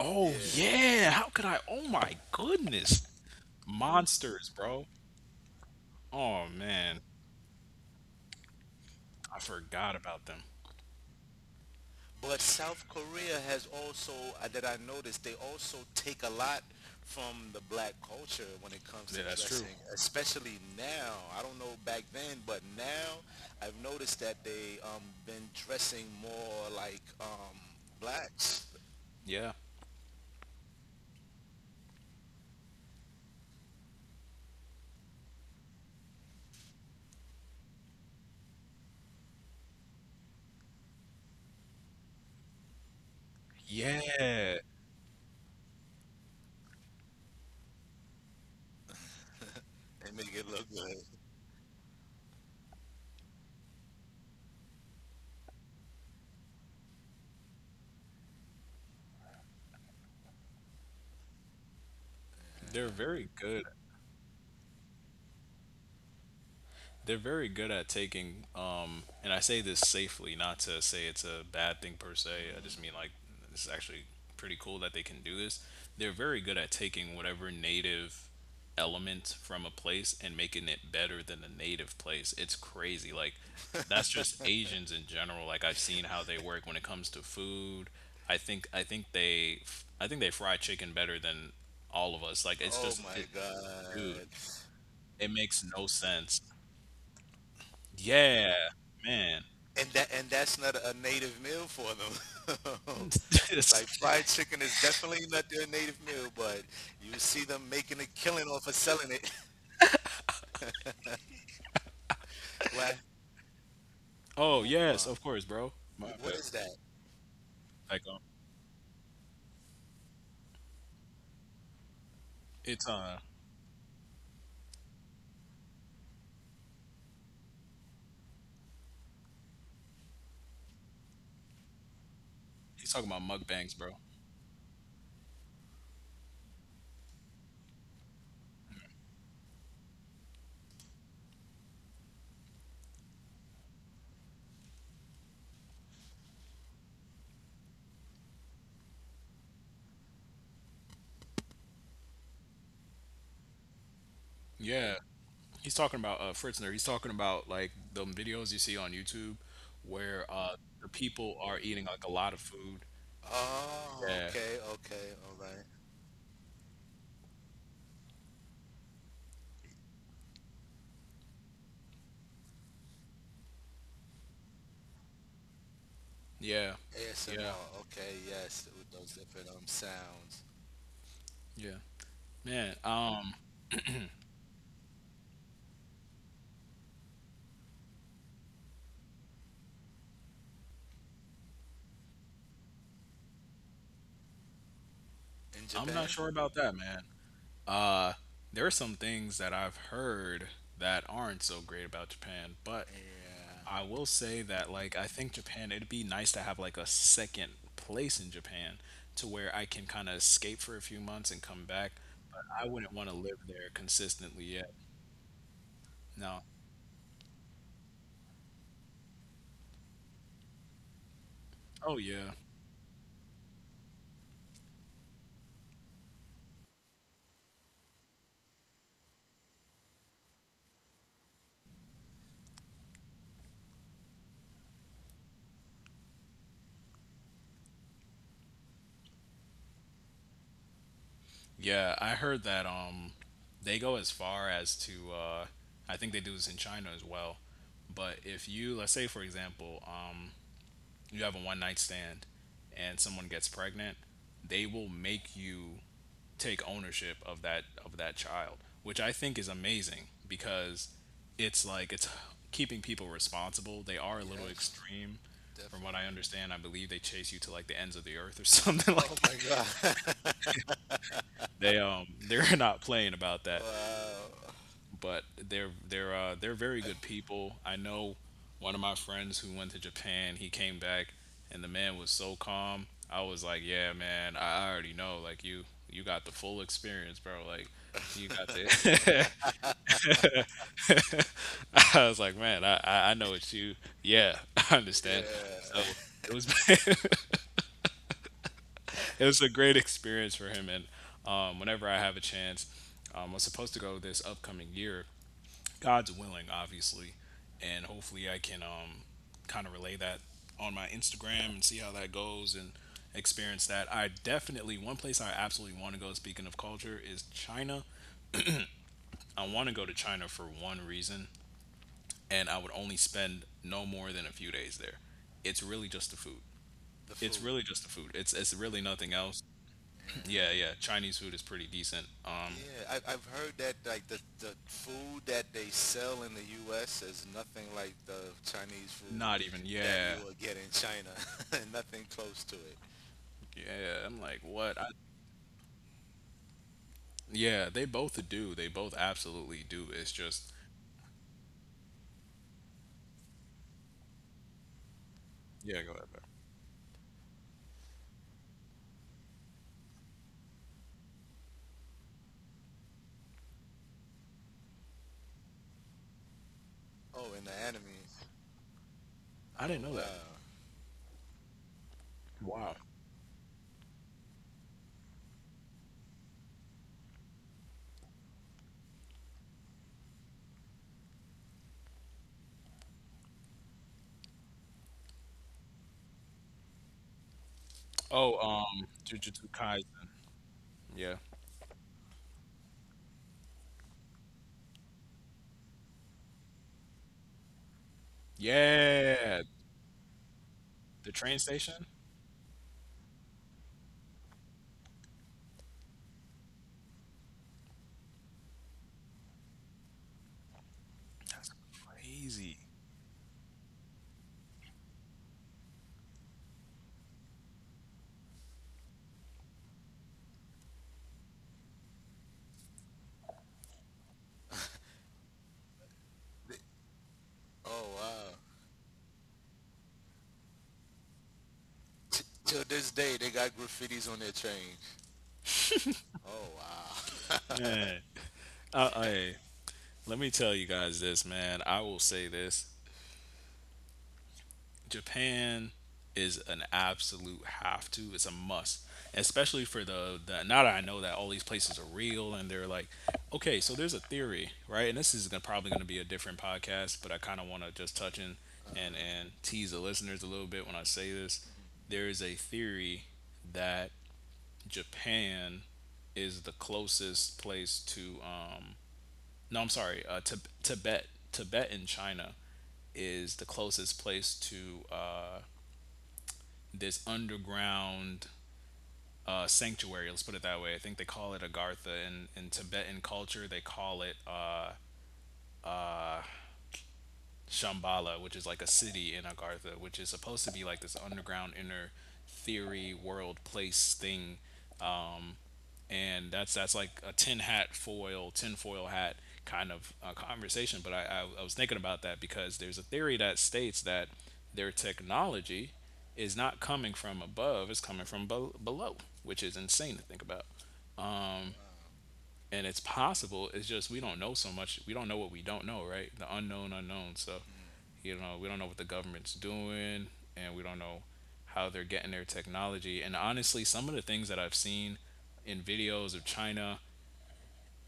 Speaker 1: Oh
Speaker 2: Yeah.
Speaker 1: yeah. How could I? Oh my goodness. Monsters, bro. Oh man, I forgot about them.
Speaker 2: But South Korea has also, that I noticed, they also take a lot from the black culture when it comes
Speaker 1: Yeah,
Speaker 2: to
Speaker 1: that's true.
Speaker 2: dressing, especially now. I don't know back then, but now I've noticed that they been dressing more like blacks
Speaker 1: Yeah. Yeah.
Speaker 2: and make it look good.
Speaker 1: They're very good. They're very good at taking and I say this safely, not to say it's a bad thing per se, I
Speaker 2: Mhm.
Speaker 1: just mean like it's actually pretty cool that they can do this. They're very good at taking whatever native element from a place and making it better than the native place. It's crazy. Like that's just Asians in general. Like I've seen how they work when it comes to food. I think i think they i think they fry chicken better than all of us. Like it's
Speaker 2: Oh
Speaker 1: just it,
Speaker 2: my
Speaker 1: dude,
Speaker 2: God.
Speaker 1: it makes no sense. Yeah, man.
Speaker 2: And that's not a native meal for them. <laughs>
Speaker 1: <laughs> Yes.
Speaker 2: Like fried chicken is definitely not their native meal, but you see them making a killing off of selling it. <laughs> Why?
Speaker 1: Oh, yes,
Speaker 2: Mukbang.
Speaker 1: of course, bro. My
Speaker 2: What
Speaker 1: bad.
Speaker 2: is that?
Speaker 1: Like, it's he's talking about mukbangs, bro. Yeah, he's talking about Fritzner. He's talking about like the videos you see on YouTube where the people are eating like a lot of food.
Speaker 2: Oh,
Speaker 1: Yeah,
Speaker 2: okay, okay, all right.
Speaker 1: yeah, yeah,
Speaker 2: ASMR. Okay, yes, with those different sounds.
Speaker 1: yeah. Man,
Speaker 2: In
Speaker 1: I'm not
Speaker 2: Japan?
Speaker 1: sure about that, man. Uh, there are some things that I've heard that aren't so great about Japan, but
Speaker 2: Yeah.
Speaker 1: I will say that like I think Japan, it'd be nice to have like a second place in Japan to where I can kind of escape for a few months and come back, but I wouldn't want to live there consistently yet. No. Oh yeah. Yeah, I heard that they go as far as to I think they do this in China as well. But if you, let's say for example, you have a one night stand and someone gets pregnant, they will make you take ownership of that child, which I think is amazing because it's like it's keeping people responsible. They are a little
Speaker 2: Yes,
Speaker 1: extreme from what I
Speaker 2: definitely.
Speaker 1: understand. I believe they chase you to like the ends of the earth or <laughs> something like
Speaker 2: Oh my
Speaker 1: that.
Speaker 2: God. <laughs>
Speaker 1: They they're not playing about that.
Speaker 2: Wow.
Speaker 1: But they're very good
Speaker 2: <laughs>
Speaker 1: people. I know one of my friends who went to Japan. He came back, and the man was so calm. I was like, yeah, man, I already know. Like you got the full experience, bro. Like you got to. <laughs> I was like, man, I know it's you. Yeah, <laughs> I understand.
Speaker 2: Yeah.
Speaker 1: So it was <laughs> it was a great experience for him, and whenever I have a chance. I'm supposed to go this upcoming year, God's willing, obviously, and hopefully I can kind of relay that on my Instagram and see how that goes and experience that. I definitely, one place I absolutely want to go, speaking of culture, is China.
Speaker 2: <laughs>
Speaker 1: I want to
Speaker 2: Mm,
Speaker 1: go to China for one reason, and I would only spend no more than a few days there. It's really just the food.
Speaker 2: the
Speaker 1: It's
Speaker 2: food.
Speaker 1: really just the food. It's really nothing else. <clears throat> Yeah,
Speaker 2: Yeah.
Speaker 1: yeah. Chinese food is pretty decent.
Speaker 2: Yeah, I've heard that like the food that they sell in the U.S. is nothing like the Chinese food
Speaker 1: Not even.
Speaker 2: that you
Speaker 1: Yeah,
Speaker 2: will get in China, <laughs> nothing close to it.
Speaker 1: yeah. I'm like, what? Yeah, they both do. They both absolutely do. It's just, yeah, go ahead, bro.
Speaker 2: Oh, in the anime.
Speaker 1: I
Speaker 2: Oh
Speaker 1: didn't know that.
Speaker 2: wow.
Speaker 1: Wow. Oh, Jujutsu Kaisen. Yeah, yeah, the train station. That's crazy.
Speaker 2: Th- Oh wow. Till this day, they got graffitis on their train. Oh wow. <laughs>
Speaker 1: Man, hey, let me tell you guys this, man. I will say this. Japan is an absolute have to. It's a must, especially for the, now that I know that all these places are real and they're like, okay, so there's a theory, right? And this is gonna, probably going to be a different podcast, but I kind of want to just touch in and tease the listeners a little bit when I say this. There is a theory that Japan is the closest place to no, I'm sorry, Tibet. Tibet in China is the closest place to this underground sanctuary. Let's put it that way. I think they call it Agartha in Tibetan culture. They call it Shambhala, which is like a city in Agartha, which is supposed to be like this underground inner theory world place thing. And that's like a tin hat foil, tin foil hat kind of conversation. But I was thinking about that because there's a theory that states that their technology is not coming from above; it's coming from below, which is insane to think about.
Speaker 2: Wow.
Speaker 1: And it's possible. It's just we don't know so much. We don't know what we don't know, right? The unknown unknown. So
Speaker 2: Hmm.
Speaker 1: you know, we don't know what the government's doing, and we don't know how they're getting their technology. And honestly, some of the things that I've seen in videos of China,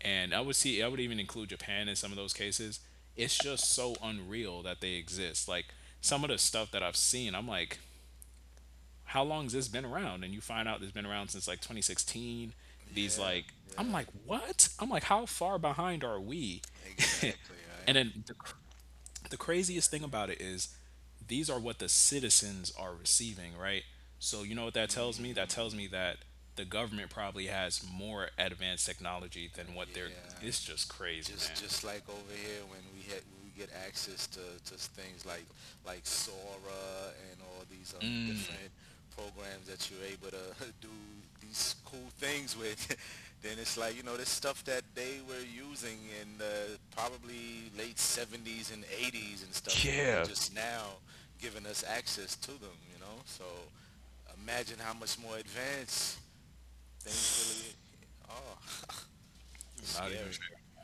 Speaker 1: and I would see, I would even include Japan in some of those cases, it's just so unreal that they exist. Like some of the stuff that I've seen, I'm like, how long has this been around? And you find out it's been around since like 2016. These,
Speaker 2: Yeah.
Speaker 1: like, I'm
Speaker 2: Yeah.
Speaker 1: like, what? I'm like, how far behind are we? <laughs>
Speaker 2: Exactly.
Speaker 1: And
Speaker 2: Right.
Speaker 1: then the, the
Speaker 2: Exactly.
Speaker 1: craziest thing about it is these are what the citizens are receiving, right? So you know what that tells me? That tells
Speaker 2: Hmm.
Speaker 1: me that the government probably has more advanced technology
Speaker 2: Uh,
Speaker 1: than what they're.
Speaker 2: yeah.
Speaker 1: It's just crazy,
Speaker 2: just
Speaker 1: man.
Speaker 2: just like over here when we get access to things like Sora and all these different programs that you're able to <laughs> do these cool things with, <laughs> then it's like, you know, this stuff that they were using in the probably late 70s and 80s and stuff, and they
Speaker 1: Yeah.
Speaker 2: just now giving us access to them, you know. So imagine how much more advanced things really are. <laughs>
Speaker 1: Not even
Speaker 2: Scary.
Speaker 1: fair.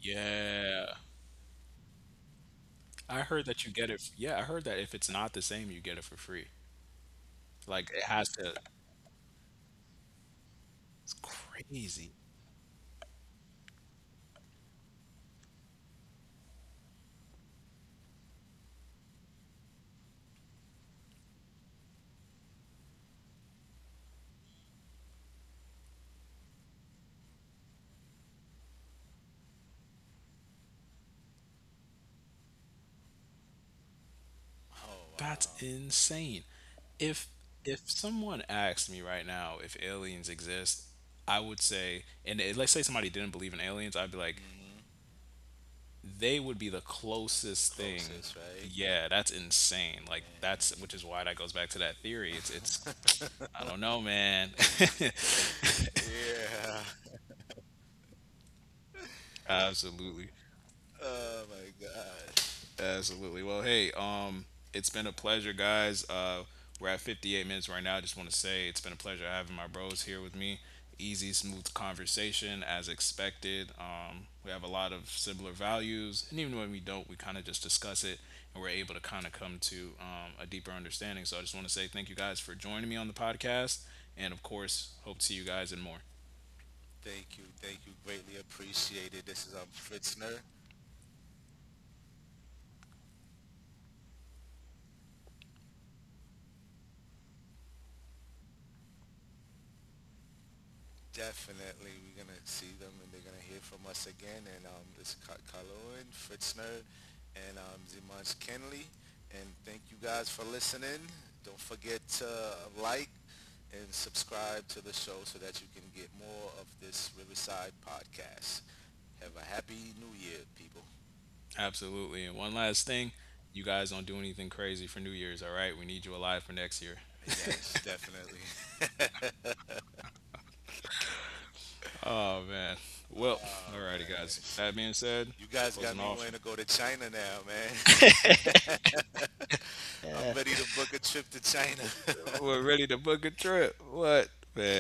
Speaker 1: Yeah. I heard that you get it. Yeah, I heard that if it's not the same, you get it for free. Like it has to. It's crazy.
Speaker 2: Oh
Speaker 1: That's
Speaker 2: wow.
Speaker 1: insane. If if someone asked me right now if aliens exist, I would say, and let's say somebody didn't believe in aliens, I'd be like,
Speaker 2: Hmm.
Speaker 1: they would be the closest thing.
Speaker 2: Closest, right?
Speaker 1: Yeah, that's insane. Like that's which is why that goes back to that theory. It's, I don't know, man. <laughs>
Speaker 2: And yeah.
Speaker 1: Absolutely.
Speaker 2: Oh my God,
Speaker 1: Absolutely. Well, hey, it's been a pleasure, guys. We're at 58 minutes right now. I just want to say it's been a pleasure having my bros here with me. Easy, smooth conversation as expected. We have a lot of similar values, and even when we don't, we kind of just discuss it, and we're able to kind of come to a deeper understanding. So I just want to say thank you guys for joining me on the podcast, and of course, hope to see you guys and more.
Speaker 2: thank you, greatly appreciated. This is Fritzner. Definitely, we're gonna see them and they're gonna hear from us again. And it's Kaloan, Fritzner, and Zimans Kenley. And thank you guys for listening. Don't forget to like and subscribe to the show so that you can get more of this Riverside podcast. Have a happy new year, people.
Speaker 1: Absolutely. And one last thing, you guys don't do anything crazy for New Year's, all right? We need you alive for next year.
Speaker 2: Yes, definitely. <laughs>
Speaker 1: Oh man. Well,
Speaker 2: Oh
Speaker 1: alrighty guys.
Speaker 2: man,
Speaker 1: With that being said,
Speaker 2: you guys got
Speaker 1: closing
Speaker 2: me
Speaker 1: off,
Speaker 2: wanting to go to China now, man. <laughs> I'm ready to book a trip to China. <laughs>
Speaker 1: we're ready to book a trip. What, man?